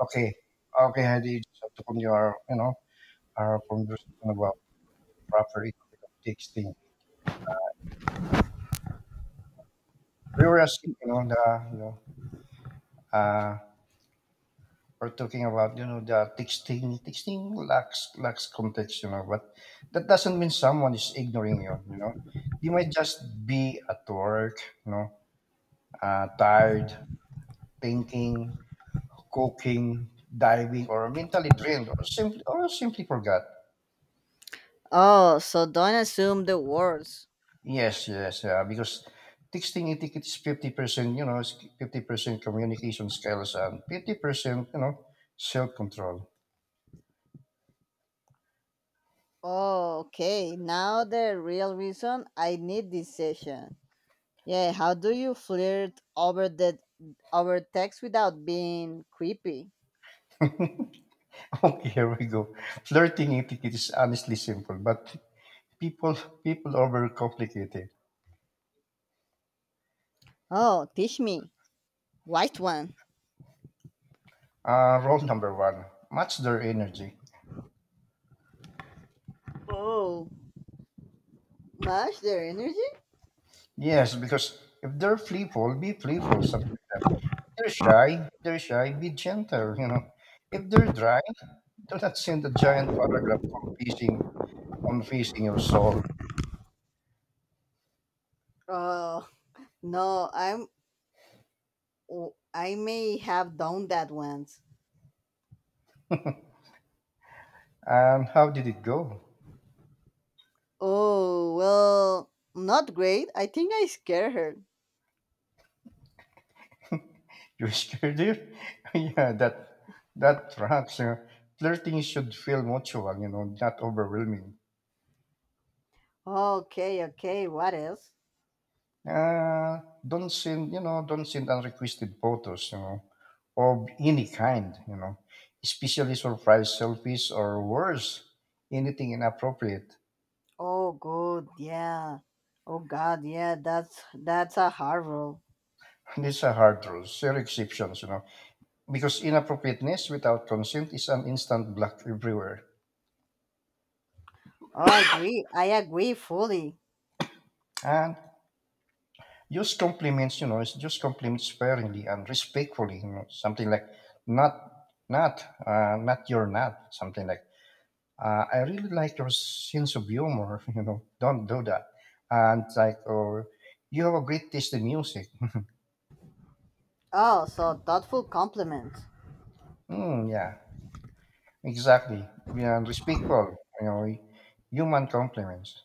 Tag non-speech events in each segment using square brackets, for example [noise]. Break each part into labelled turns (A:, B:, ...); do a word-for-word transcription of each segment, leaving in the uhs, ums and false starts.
A: Okay. Okay, Heidi, you just have to continue our, you know, our conversation about proper ethic of texting. We were asking, you know, the, you know, uh, we're talking about, you know, the texting. Texting lacks lacks context, you know, but that doesn't mean someone is ignoring you, you know. You might just be at work, you know, uh, tired, thinking, cooking, diving, or mentally drained, or simply, or simply forgot.
B: Oh, so don't assume the worst.
A: Yes, yes, yeah. Because texting etiquette is fifty percent, you know, fifty percent communication skills and fifty percent, you know, self control. [laughs]
B: Oh, okay. Now the real reason I need this session. Yeah, how do you flirt over the over text without being creepy?
A: Okay, here we go. Flirting etiquette is honestly simple, but people people overcomplicate it.
B: Oh, teach me. White one.
A: Uh, rule number one: match their energy.
B: Oh, match their energy?
A: Yes, because if they're playful, be playful. Something like that. If they're shy, if they're shy, be gentle. You know, if they're dry, do not send a giant paragraph for teasing. Confessing your soul.
B: Oh, no, I'm oh, I may have done that once.
A: And how did it go?
B: Oh, well, not great. I think I scared her.
A: [laughs] You scared it? [laughs] Yeah, that that tracks. Uh, flirting should feel mutual, you know, not overwhelming.
B: Okay, okay. What else?
A: Uh, don't send, you know, don't send unrequested photos, you know, of any kind, you know, especially surprise selfies or worse, anything inappropriate.
B: Oh good, yeah. Oh God, yeah, that's that's a hard rule.
A: [laughs] These are hard rules. There are exceptions, you know, because inappropriateness without consent is an instant block everywhere.
B: Oh, I agree. I agree fully.
A: And use compliments, you know, it's just compliments sparingly and respectfully, you know, something like not not uh, not your not something like uh, I really like your sense of humor, [laughs] you know, don't do that. And like or you have a great taste in music. [laughs]
B: Oh, so thoughtful compliments.
A: Mm, yeah, exactly. Yeah, and respectful, you know, human compliments.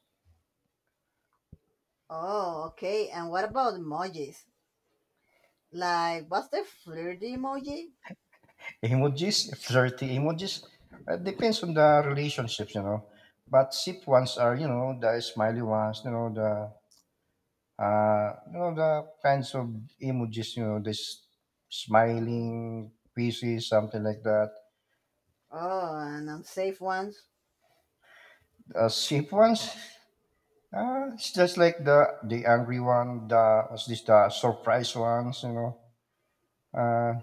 B: Oh, okay. And what about emojis? Like what's the flirty emoji?
A: Emojis, [laughs] flirty emojis, uh, depends on the relationships, you know. But sip ones are, you know, the smiley ones, you know, the Uh, you know the kinds of emojis, you know, this smiling pieces, something like that.
B: Oh, and unsafe ones.
A: A shape ones, uh, it's just like the the angry one, the what's this, the surprise ones, you know. Uh,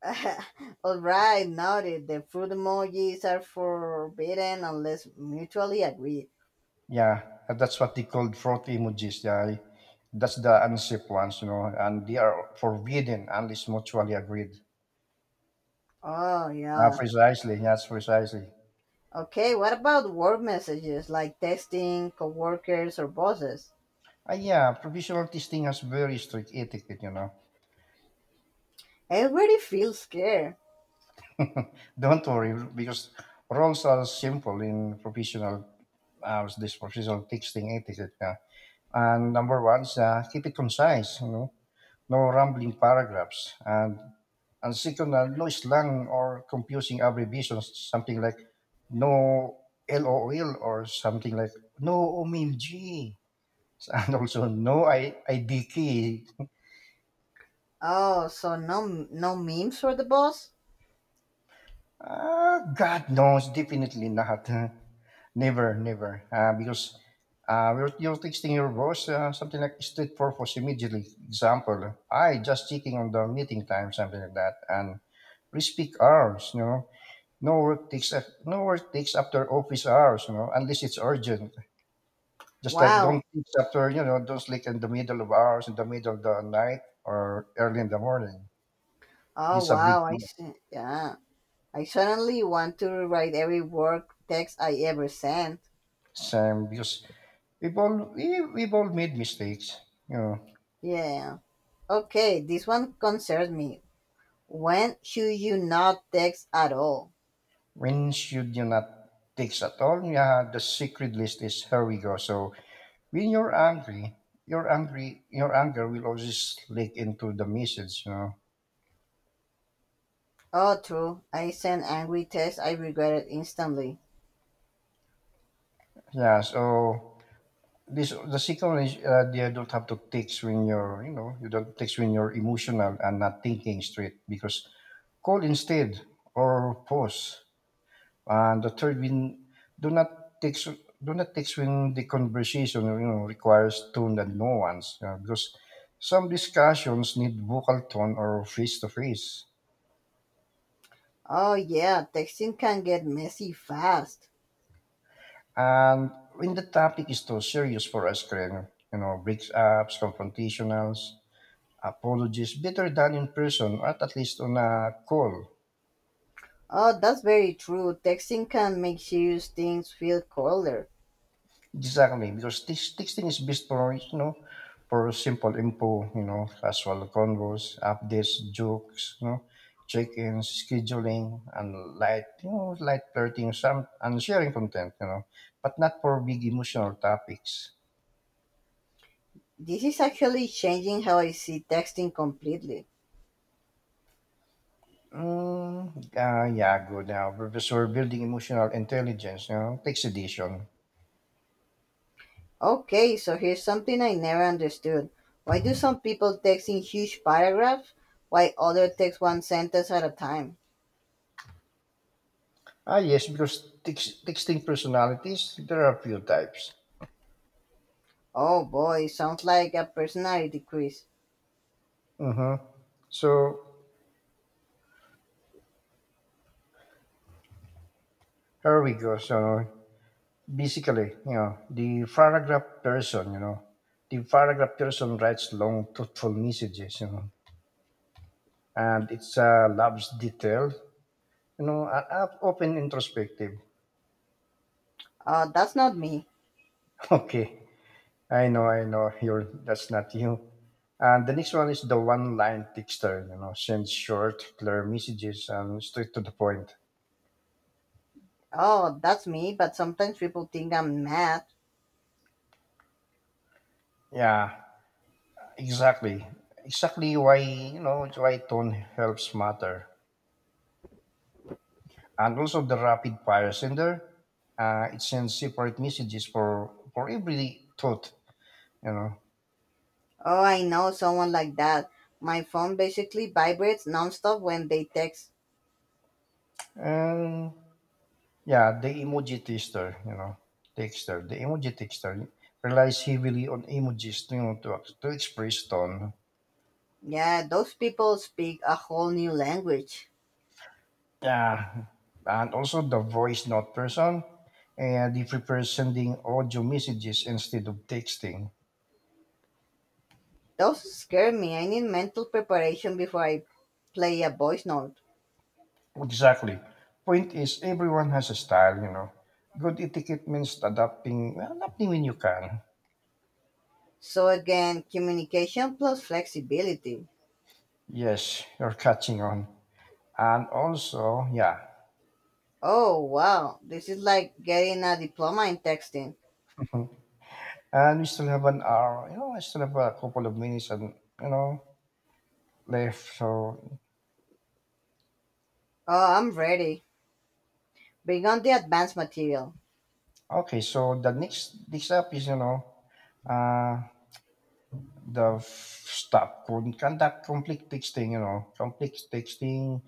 B: [laughs] Alright, noted. The food emojis are forbidden unless mutually agreed.
A: yeah, that's what they called fraud emojis. Yeah, that's the unsafe ones, you know, and they are forbidden unless mutually agreed.
B: Oh
A: Uh,
B: yeah.
A: precisely, yes, precisely.
B: Okay, what about work messages like texting, coworkers or bosses?
A: Uh, yeah, provisional testing has very strict etiquette, you know.
B: Everybody feels scared.
A: Don't worry because roles are simple in professional uh, this professional texting etiquette. Uh, and number one is uh, keep it concise. You know, no rambling paragraphs. And and second, uh, no slang or confusing abbreviations. Something like no LOL or something like no O M G. [laughs] And also no I- IDK.
B: Oh, so no no memes for the boss?
A: Uh, God knows, definitely not. [laughs] Never, never. Uh, because uh, you're, you're texting your boss, uh, something like street purpose immediately. Example, I just checking on the meeting time, something like that, and please peak hours. You know, no work takes af- no work takes after office hours. You know, unless it's urgent. Just like, don't
B: Wow.
A: text after you know don't sleep in the middle of hours, in the middle of the night, or early in the morning.
B: Oh
A: This a big
B: wow,
A: no.
B: I see. Yeah. I suddenly want to rewrite every work text I ever sent.
A: Same because We've all we, we've all made mistakes. You know,
B: Yeah. Okay, this one concerns me. When should you not text at all?
A: when should you not text at all? Yeah, the secret list is here we go. So when you're angry, your angry your anger will always leak into the message. You know.
B: Oh, true. I sent angry texts I regretted instantly.
A: Yeah. So this the second one is, uh, you don't have to text when you're you know you don't text when you're emotional and not thinking straight because call instead or pause. And the third, when do not take do not text when the conversation, you know requires tone and nuance, you know, because some discussions need vocal tone or face to face.
B: Oh, yeah, texting can get messy fast.
A: And when the topic is too serious for us, Karen, you know, breakups, confrontationals, apologies, better done in person or at least on a call.
B: Oh, that's very true. Texting can make serious things feel colder.
A: Exactly, because text, texting is best for you know for simple info, you know, casual convos, updates, jokes, you know, check-ins, scheduling, and light, you know, light flirting, some and sharing content, you know, but not for big emotional topics.
B: This is actually changing how I see texting completely.
A: Mm, uh, yeah, good now. Professor Building Emotional Intelligence, you know, text edition.
B: Okay, so here's something I never understood. Why do some people text in huge paragraphs while others text one sentence at a time?
A: Ah, yes, because text, texting personalities, there are a few types.
B: Oh boy, sounds like a personality quiz.
A: Mm-hmm. So here we go. So basically, you know, the paragraph person, you know, the paragraph person writes long, thoughtful messages, you know, and it's uh, loves detail, you know, and up- often introspective.
B: Oh, that's not me.
A: [laughs] Okay, I know, I know, you're that's not you. And the next one is the one-line texter, you know, sends short, clear messages and straight to the point.
B: Oh, that's me, but sometimes people think I'm mad.
A: Yeah, exactly, exactly why you know it's why tone helps matter. And also the rapid fire sender. Uh, it sends separate messages for for every thought, you know.
B: Oh, I know someone like that. My phone basically vibrates nonstop when they text.
A: And yeah, the emoji tester, you know, texter, the emoji texter relies heavily on emojis, to, you know, to ex- to express tone.
B: Yeah, those people speak a whole new language.
A: Yeah, and also the voice note person, and they prefer sending audio messages instead of texting.
B: Those scare me. I need mental preparation before I play a voice note.
A: Exactly. Point is, everyone has a style, you know. Good etiquette means adapting, well, adapting when you can.
B: So again, communication plus flexibility.
A: Yes, you're catching on. And also, yeah,
B: Oh wow, this is like getting a diploma in texting.
A: [laughs] and we still have an hour, you know, I still have a couple of minutes and, you know, left. So,
B: Oh, I'm ready. Bring on the advanced material.
A: okay, so the next, next up is, you know, uh, the f- stop, con- conduct conflict texting, you know, conflict texting,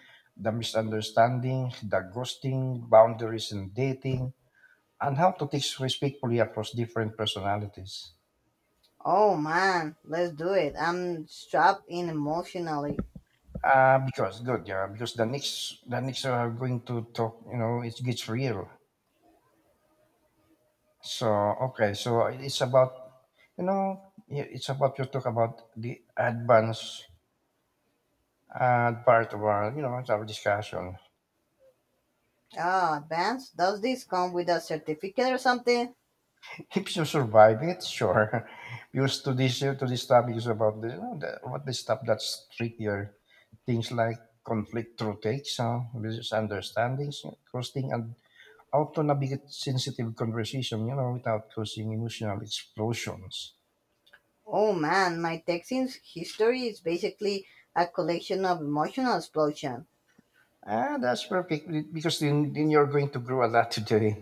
A: the misunderstanding, the ghosting, boundaries in dating, and how to teach respectfully across different personalities.
B: Oh man, let's do it. I'm strapped in emotionally.
A: Uh, because good, yeah. Because the next, the next are going to talk. You know, it gets real. So okay, so it's about, you know, i- it's about you talk about the advance, uh, part of our, you know, it's our discussion.
B: Ah, advanced? Does this come with a certificate or something?
A: If you survive it, sure. [laughs] Because to this, to this topic is about the, you know, the what the stuff that's trickier, things like conflict through takes, uh, business understandings, costing and how to navigate sensitive conversation, you know, without causing emotional explosions.
B: Oh man, my texting history is basically a collection of emotional explosions.
A: Ah, that's perfect be- because then, then you're going to grow a lot today.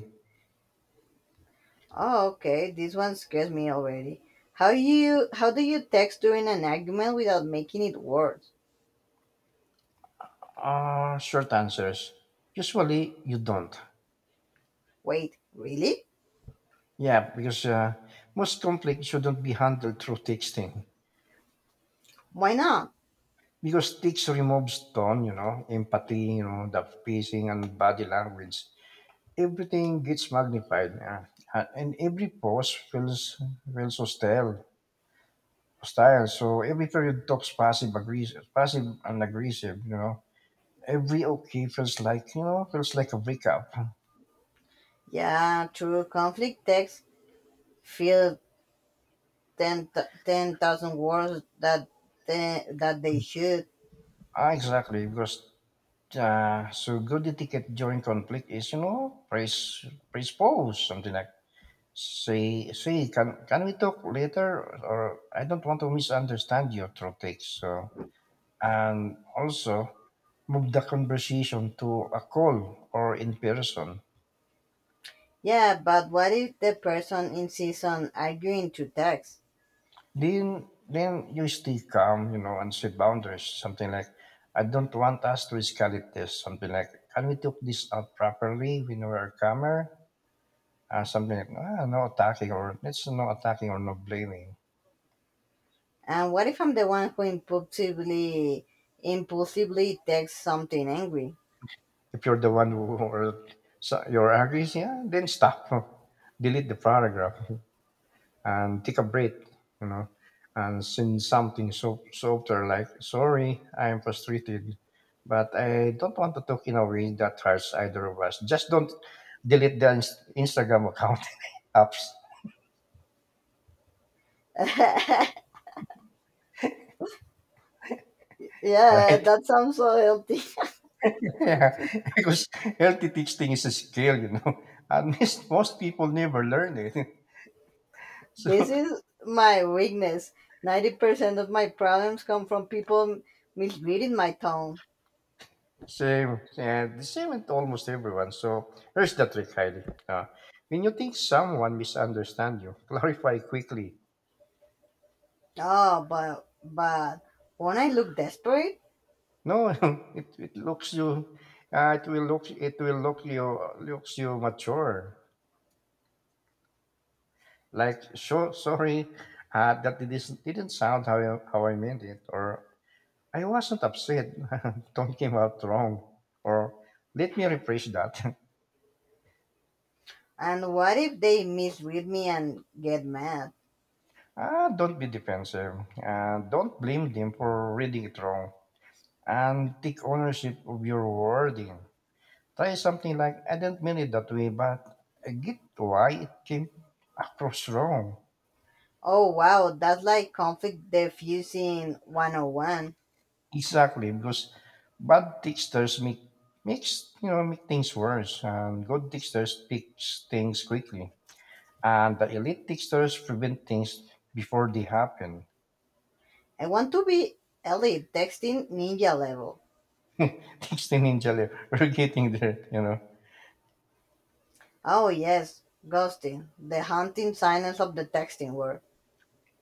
B: Oh, okay. This one scares me already. How you how do you text during an argument without making it worse?
A: Uh, short answers. Usually you don't.
B: Wait, really?
A: Yeah, because uh, most conflict shouldn't be handled through texting.
B: Why not?
A: Because text removes tone, you know, empathy, you know, the pacing and body language. Everything gets magnified. Yeah. Uh, and every pause feels, feels hostile style. So every period talks passive aggressive, passive and aggressive. You know, every okay feels like you know feels like a breakup.
B: Yeah, true. Conflict texts feel ten ten thousand words that they, that they should.
A: Ah, exactly because. Uh, so good etiquette during conflict is, you know praise praise pose something like, say say can can we talk later, or I don't want to misunderstand your throat takes, so and also move the conversation to a call or in person.
B: Yeah, but what if the person insists on arguing to text?
A: Then then you stay calm, you know, and set boundaries. Something like, I don't want us to escalate this. Something like, can we talk this out properly? We know our camera. Uh, something like, ah, no attacking or it's no attacking or no blaming.
B: And what if I'm the one who impulsively impulsively texts something angry?
A: If you're the one who or So you're angry, yeah, then stop. [laughs] Delete the paragraph, and take a breath, you know, and send something so softer like, sorry, I'm frustrated, but I don't want to talk in a way that hurts either of us. Just don't delete the inst- Instagram account. [laughs] Apps,
B: [laughs] Yeah,
A: right?
B: that sounds so healthy.
A: [laughs] Yeah, because healthy texting is a skill, you know, [laughs] and most most people never learn it. [laughs]
B: This
A: So
B: is my weakness. ninety percent of my problems come from people misreading my tone.
A: same, yeah, the same with almost everyone. So here's the trick, Heidi. Uh, when you think someone misunderstands you, [laughs] clarify quickly.
B: Oh, but, but won't I look desperate?
A: No, [laughs] it it looks you, uh, it will look, it will look you, looks you mature. Like so sorry, uh, that it is, didn't sound how I, how I meant it, or I wasn't upset. [laughs] Don't came out wrong, or let me rephrase that. [laughs]
B: And what if they misread me and get mad?
A: Ah, don't be defensive. Uh, don't blame them for reading it wrong, and take ownership of your wording. Try something like, I didn't mean it that way, but I get why it came across wrong.
B: Oh, wow, that's like conflict diffusing one oh one.
A: Exactly, because bad texters make makes you know make things worse, and good texters fix things quickly, and the elite texters prevent things before they happen.
B: I want to be elite texting ninja level.
A: [laughs] Texting ninja, we're getting there, you know.
B: Oh, yes, ghosting, the haunting silence of the texting world.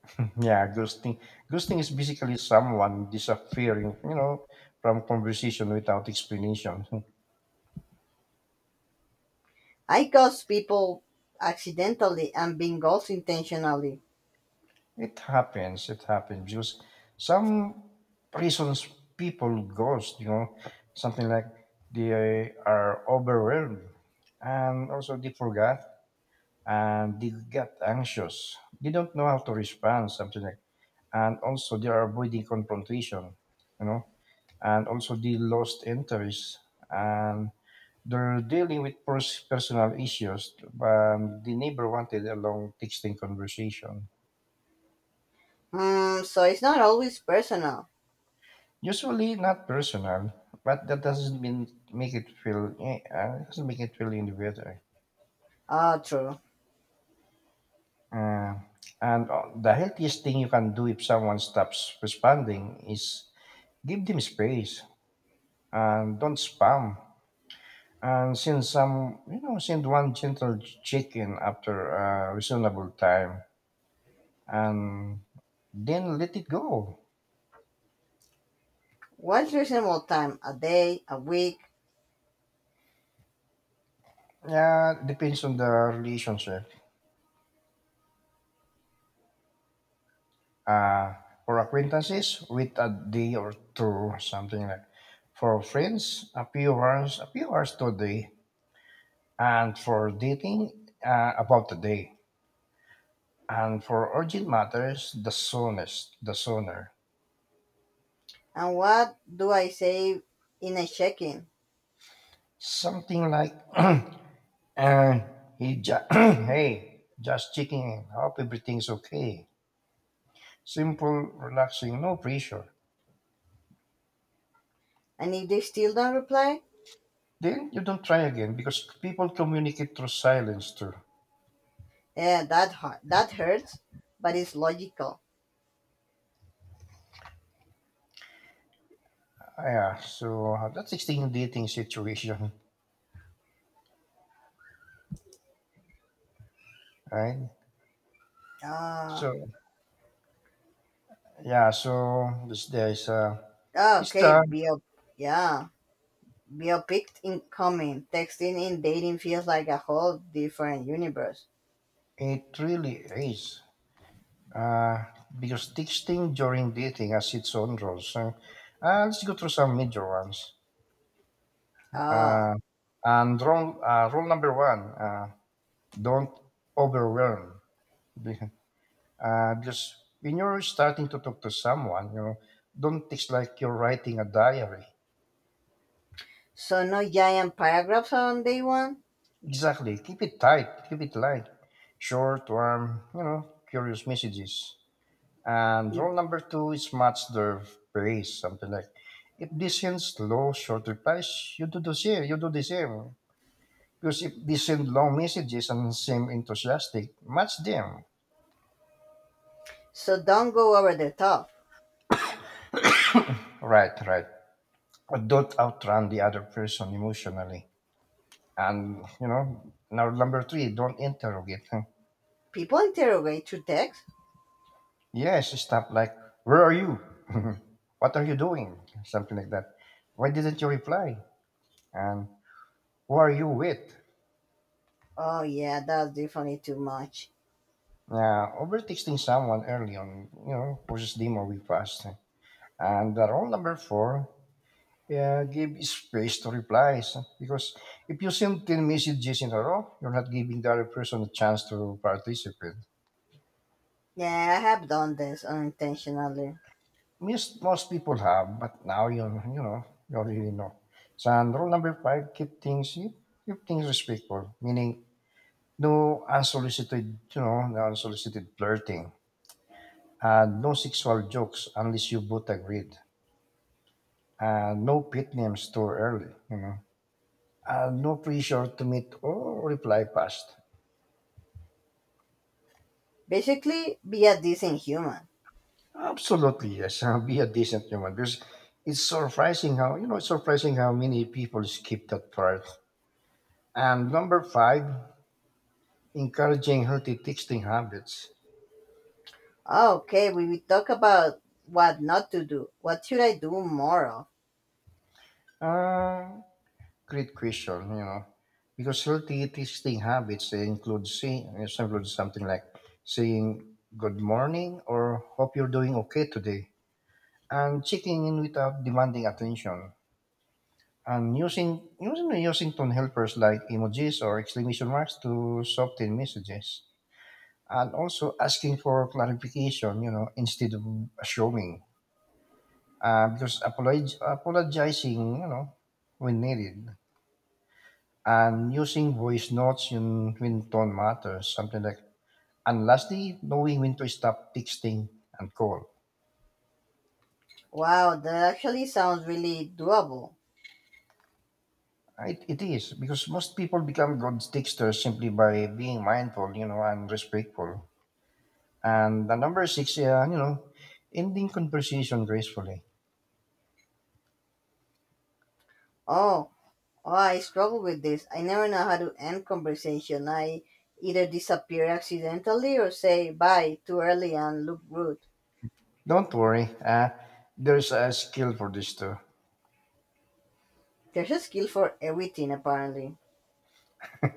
A: [clears throat] Yeah, ghosting. Ghosting is basically someone disappearing, you know, from conversation without explanation. [laughs]
B: I ghost people accidentally and being ghost intentionally.
A: It happens. It happens because some reasons people ghost, you know, something like they are overwhelmed and also they forgot and they get anxious. They don't know how to respond, something like and also they are avoiding confrontation, you know, and also they lost interest and they're dealing with pers- personal issues. But the neighbor wanted a long texting conversation.
B: Hmm, so it's not always personal.
A: Usually not personal, but that doesn't mean make it feel eh, uh, doesn't make it feel any better.
B: Ah, true.
A: Uh, and uh, The healthiest thing you can do if someone stops responding is give them space and don't spam. And send some, you know, send one gentle check-in after a reasonable time, and then let it go.
B: What's reasonable time? A day, a week,
A: Yeah, depends on the relationship. Uh, for acquaintances, wait a day or two, something like. For friends, a few hours, a few hours to a day. And for dating, uh, about a day. And for urgent matters, the soonest, the sooner.
B: and what do I say in a check-in?
A: Something like, [clears throat] uh, he ju- [clears throat] hey, just checking in. Hope everything's okay. Simple, relaxing, no pressure.
B: And if they still don't reply,
A: Then you don't try again because people communicate through silence too.
B: yeah, that hurt. That hurts, but it's logical.
A: Yeah, so that's extreme dating situation, right? So
B: Ah,
A: yeah, so this there's uh this
B: okay.
A: time
B: Be a yeah. Be a picked incoming. Texting and dating feels like a whole different universe.
A: it really is uh because texting during dating has its own rules. So, uh, let's go through some major ones.
B: Ah,
A: Uh, and rule uh, rule number one: uh, don't overwhelm. [laughs] Be- Uh, because when you're starting to talk to someone, you know, don't text like you're writing a diary.
B: so no giant paragraphs on day one.
A: Exactly. Keep it tight. Keep it light. Short, warm, you know, curious messages. And rule number two is match their pace. Something like, if they send slow, short replies, you do the same. You do the same. Because if they send long messages and seem enthusiastic, match them.
B: So don't go over the top.
A: Right, right. But don't outrun the other person emotionally. And, you know, now number three, don't interrogate. [laughs]
B: People interrogate through text.
A: Yes, stuff like, where are you? [laughs] What are you doing? Something like that. Why didn't you reply? And who are you with?
B: Oh yeah, that's definitely too much.
A: Yeah, over texting someone early on, you know, causes them or we fast. And the rule number four, yeah, give space to replies. Because if you send ten messages in a row, you're not giving the other person a chance to participate.
B: Yeah, I have done this unintentionally.
A: Most most people have, but now you you know you already know. So and rule number five: keep things you keep things respectful, meaning no unsolicited you know no unsolicited flirting, and no sexual jokes unless you both agreed, and no pet names too early, you know, and no pressure to meet or reply fast.
B: Basically, be a decent human.
A: Absolutely yes, [laughs] be a decent human because it's surprising how you know it's surprising how many people skip that part. And number five, encouraging healthy texting habits?
B: Okay, we will talk about what not to do. What should I do more of?
A: Uh, Great question, you know, because healthy texting habits they include saying include something like saying good morning or hope you're doing okay today, and checking in without demanding attention, and using using using tone helpers like emojis or exclamation marks to soften messages, and also asking for clarification, you know, instead of assuming uh, because apolog- apologizing, you know, when needed, and using voice notes yun, when tone matters, something like, and lastly, knowing when to stop texting and call.
B: Wow, that actually sounds really doable.
A: It, it is because most people become good texters simply by being mindful, you know, and respectful. And the number six, uh, you know, ending conversation gracefully.
B: Oh, oh, I struggle with this. I never know how to end conversation. I either disappear accidentally or say bye too early and look rude.
A: Don't worry, uh, there's a skill for this too.
B: There's a skill for everything apparently.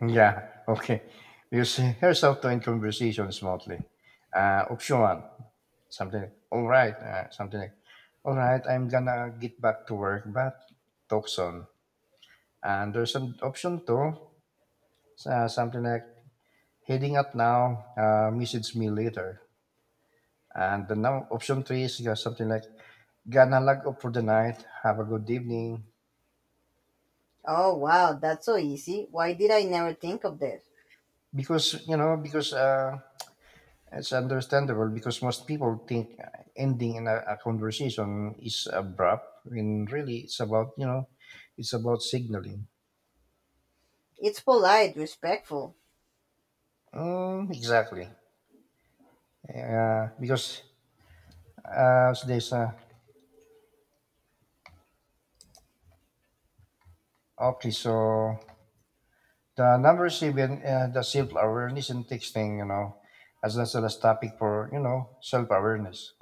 A: Yeah, okay. Because here's how to end conversation smartly. Uh, option one, something like, all right, uh, something like, all right, I'm gonna get back to work, but talk soon. And there's an option two, uh, something like, heading out now, uh, message me later. And the now option three is uh, something like, gonna log off for the night, have a good evening.
B: Oh wow, that's so easy. Why did I never think of this?
A: Because, you know, because uh, It's understandable because most people think uh, ending in a, a conversation is abrupt, when really it's about you know, it's about signaling.
B: It's polite, respectful.
A: Mm, exactly. Uh, because uh, there's a okay, so The number seven, uh, the self awareness in texting, you know, as that's the last topic for you know self awareness.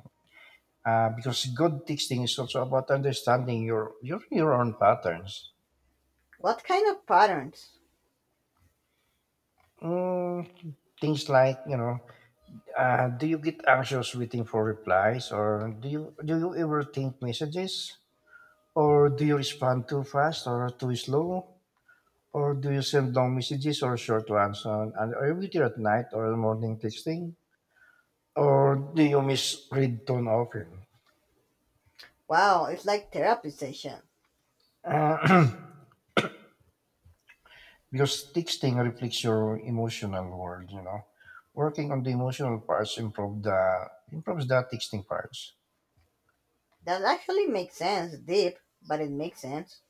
A: Uh, because good texting is also about understanding your your your own patterns.
B: What kind of patterns?
A: Mm, things like you know. Uh, do you get anxious waiting for replies, or do you do you ever think messages, or do you respond too fast or too slow, or do you send long messages or short ones? On, and are you later at night or morning texting, or do you misread tone often?
B: Wow, it's like therapy session.
A: Uh, [clears throat] because texting reflects your emotional world, you know. Working on the emotional parts improve the improves the texting parts.
B: That actually makes sense. Deep, but it makes sense.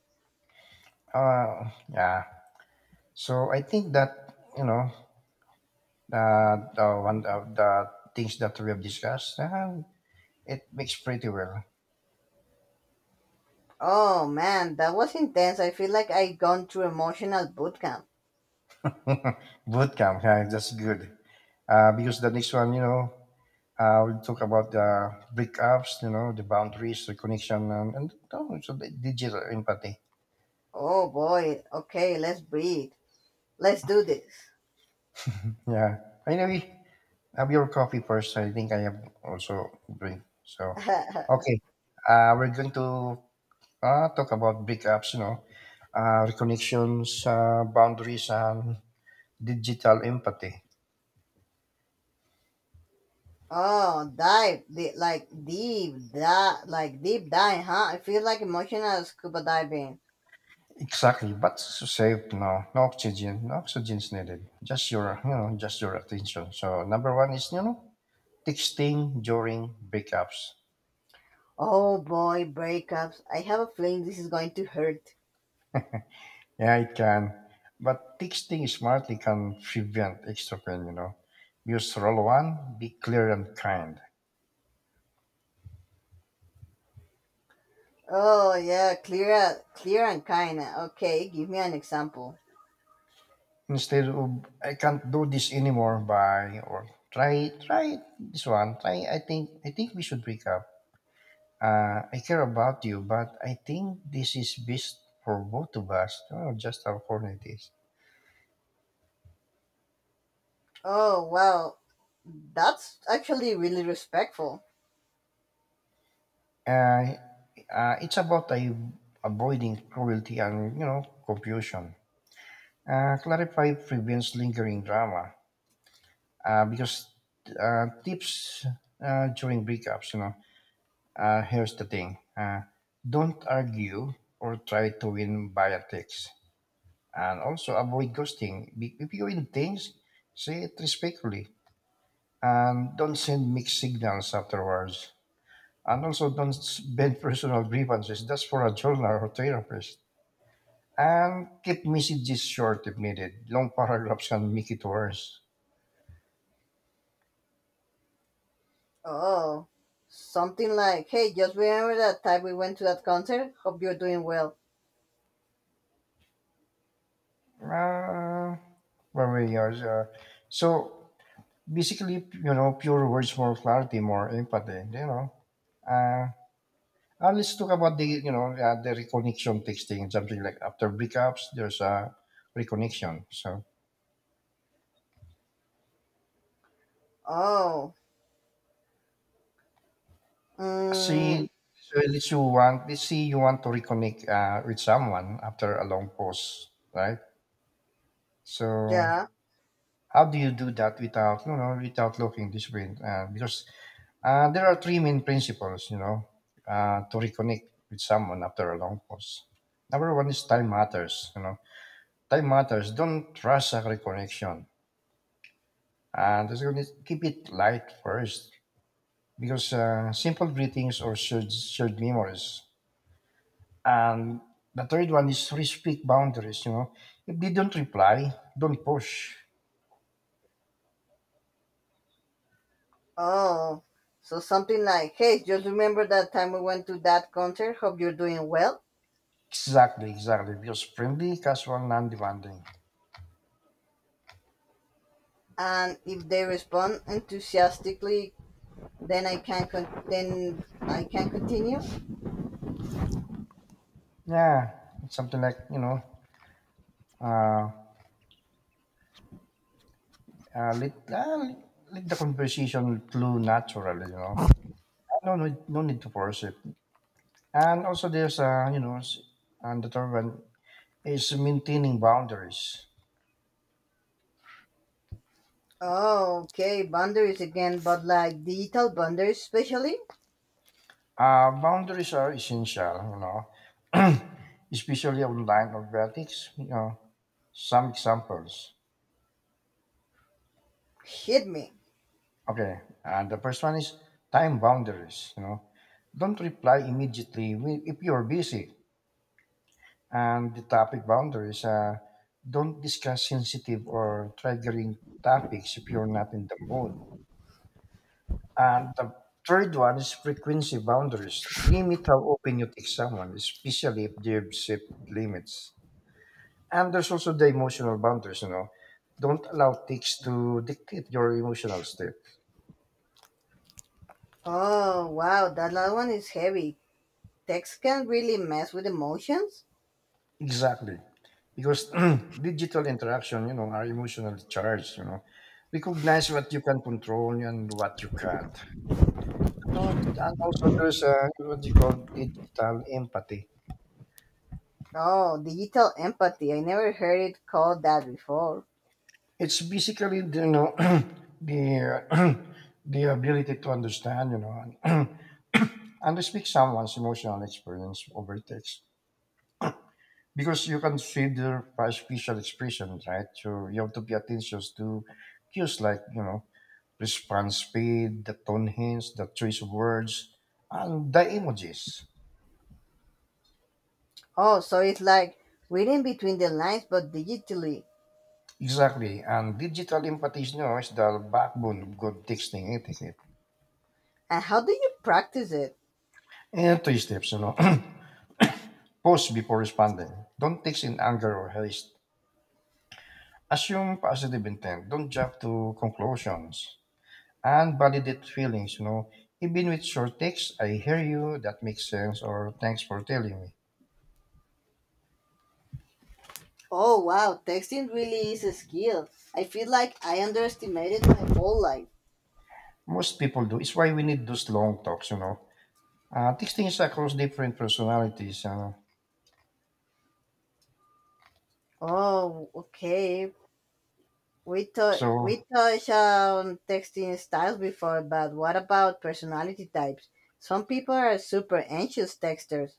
A: Uh, yeah. So I think that you know Uh, the one of the things that we have discussed, uh, it makes pretty well.
B: Oh man, that was intense. I feel like I gone through emotional boot camp.
A: Boot camp, yeah, that's good. Uh, because the next one, you know, uh, we'll talk about the breakups, you know, the boundaries, the connection, and, and also the digital empathy.
B: Oh boy. Okay, let's breathe. Let's do this.
A: Yeah. Anyway, have your coffee first. I think I have also drink. So,
B: [laughs]
A: okay. Uh, we're going to uh, talk about breakups, you know, uh, reconnections, uh, boundaries, and digital empathy.
B: Oh, dive, di- like deep, da- like deep dive, huh? I feel like emotional scuba diving.
A: Exactly, but safe now. No oxygen, no oxygen's needed. Just your, you know, just your attention. So number one is, you know, texting during breakups.
B: Oh boy, breakups. I have a feeling this is going to hurt.
A: Yeah, it can, but texting smartly can prevent extra pain. You know, use rule one, be clear and kind.
B: Oh yeah, clear, clear and kinda. Okay, give me an example.
A: Instead of I can't do this anymore. Bye or try try this one. Try I think I think we should break up. Uh, I care about you, but I think this is best for both of us. Oh, just how corny it is.
B: Oh wow, that's actually really respectful.
A: Uh, uh, it's about uh, Avoiding cruelty and, you know, confusion. Uh, clarify prevents lingering drama uh, because uh, tips uh, during breakups, you know, uh, here's the thing. Uh, don't argue or try to win via text. And also avoid ghosting. Be- If you win things, say it respectfully. And don't send mixed signals afterwards. And also don't vent [laughs] personal grievances. That's for a journal or therapist. And keep messages short if needed. Long paragraphs can make it worse.
B: Oh, something like, hey, just remember that time we went to that concert. Hope you're doing well.
A: Uh, where we are, uh, so Basically, you know, pure words, more clarity, more empathy, you know. Uh, uh, let's talk about the, you know, uh, the reconnection texting, something like after breakups, there's a reconnection. So
B: Oh, mm,
A: see, so at least you want, let's say you want to reconnect uh, with someone after a long pause, right? So
B: yeah.
A: how do you do that without, you know, without looking this way? Uh, because uh, There are three main principles, you know, uh, to reconnect with someone after a long pause. Number one is time matters, you know. Time matters. Don't rush a reconnection. And that's going to keep it light first because uh, simple greetings or shared, shared memories. And the third one is respect boundaries, you know. If they don't reply, don't push.
B: Oh, so something like, hey, just remember that time we went to that concert. Hope you're doing well.
A: Exactly, exactly. Because friendly, casual, non-demanding.
B: And if they respond enthusiastically, then I can con- then I can continue.
A: Yeah, it's something like, you know, uh, uh, let, uh, let the conversation flow naturally, you know. No, no, No need to force it. And also there's, uh, you know, s- and the third one is maintaining boundaries.
B: Oh, okay, boundaries again, but like digital boundaries, especially?
A: Uh, boundaries are essential, you know, [clears throat] especially online or vertics, you know. Some examples.
B: Hit me.
A: Okay, and the first one is time boundaries, you know. Don't reply immediately wi- if you're busy. And the topic boundaries, uh, don't discuss sensitive or triggering topics if you're not in the mood. And the third one is frequency boundaries. Limit how often you text someone, especially if they have set limits. And there's also the emotional boundaries, you know. Don't allow ticks to dictate your emotional state.
B: Oh, wow, that last one is heavy. Text can really mess with emotions?
A: Exactly. Because [clears throat] digital interaction, you know, are emotionally charged, you know. Recognize what you can control and what you can't. So, and also there's uh, what you call digital empathy.
B: Oh, digital empathy. I never heard it called that before.
A: It's basically, the, you know, [clears throat] the, uh, [clears throat] the ability to understand, you know, and, [clears throat] and to speak someone's emotional experience over text, because you can consider price facial expression, right? So you have to pay attention to cues like you know response speed, the tone hints, the choice of words, and the emojis.
B: Oh, so it's like reading between the lines but digitally.
A: Exactly, and digital empathy you know, is the backbone of good texting etiquette.
B: And how do you practice it?
A: And three steps, you know, [clears throat] pause before responding. Don't text in anger or haste. Assume positive intent. Don't jump to conclusions. And validate feelings, you know, even with short texts, I hear you, that makes sense, or thanks for telling me.
B: Oh, wow, texting really is a skill. I feel like I underestimated my whole life.
A: Most people do. It's why we need those long talks, you know. Uh, texting is across different personalities, you know.
B: Oh, okay. We, to-
A: So,
B: we touched on texting styles before, but what about personality types? Some people are super anxious texters,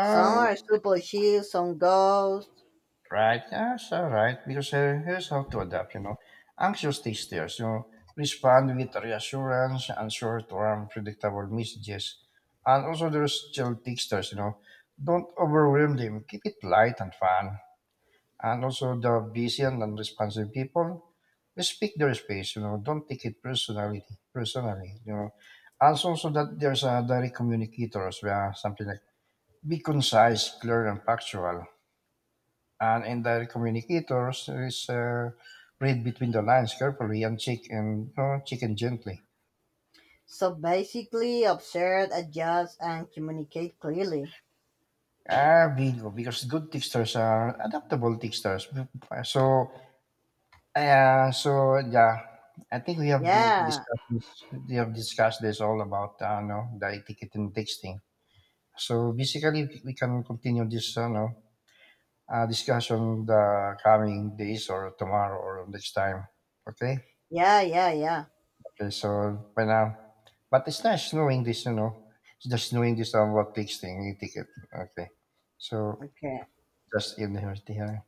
B: some are super chill, some ghosts.
A: right, yes, all right, because uh, here's how to adapt, you know. Anxious texters, you know, respond with reassurance and short-term predictable messages. And also there's chill texters, you know. Don't overwhelm them. Keep it light and fun, and also the busy and unresponsive people respect their space you know don't take it personally personally you know, and so so that there's a direct communicators where something like be concise clear and factual, and indirect communicators is uh, read between the lines carefully and check and you know, check and gently.
B: So basically, observe, adjust, and communicate clearly.
A: Ah, bingo, because good texters are adaptable texters. So yeah, so yeah, I think we have to
B: Yeah,
A: discuss this. We have discussed this all about uh, no, the etiquette and texting. So basically, we can continue this uh, no, uh, discussion the coming days or tomorrow or next time. Okay.
B: yeah, yeah, yeah.
A: Okay. So by now, but it's nice knowing this. You know, it's just knowing this about texting etiquette. Okay. So
B: Okay.
A: just in here.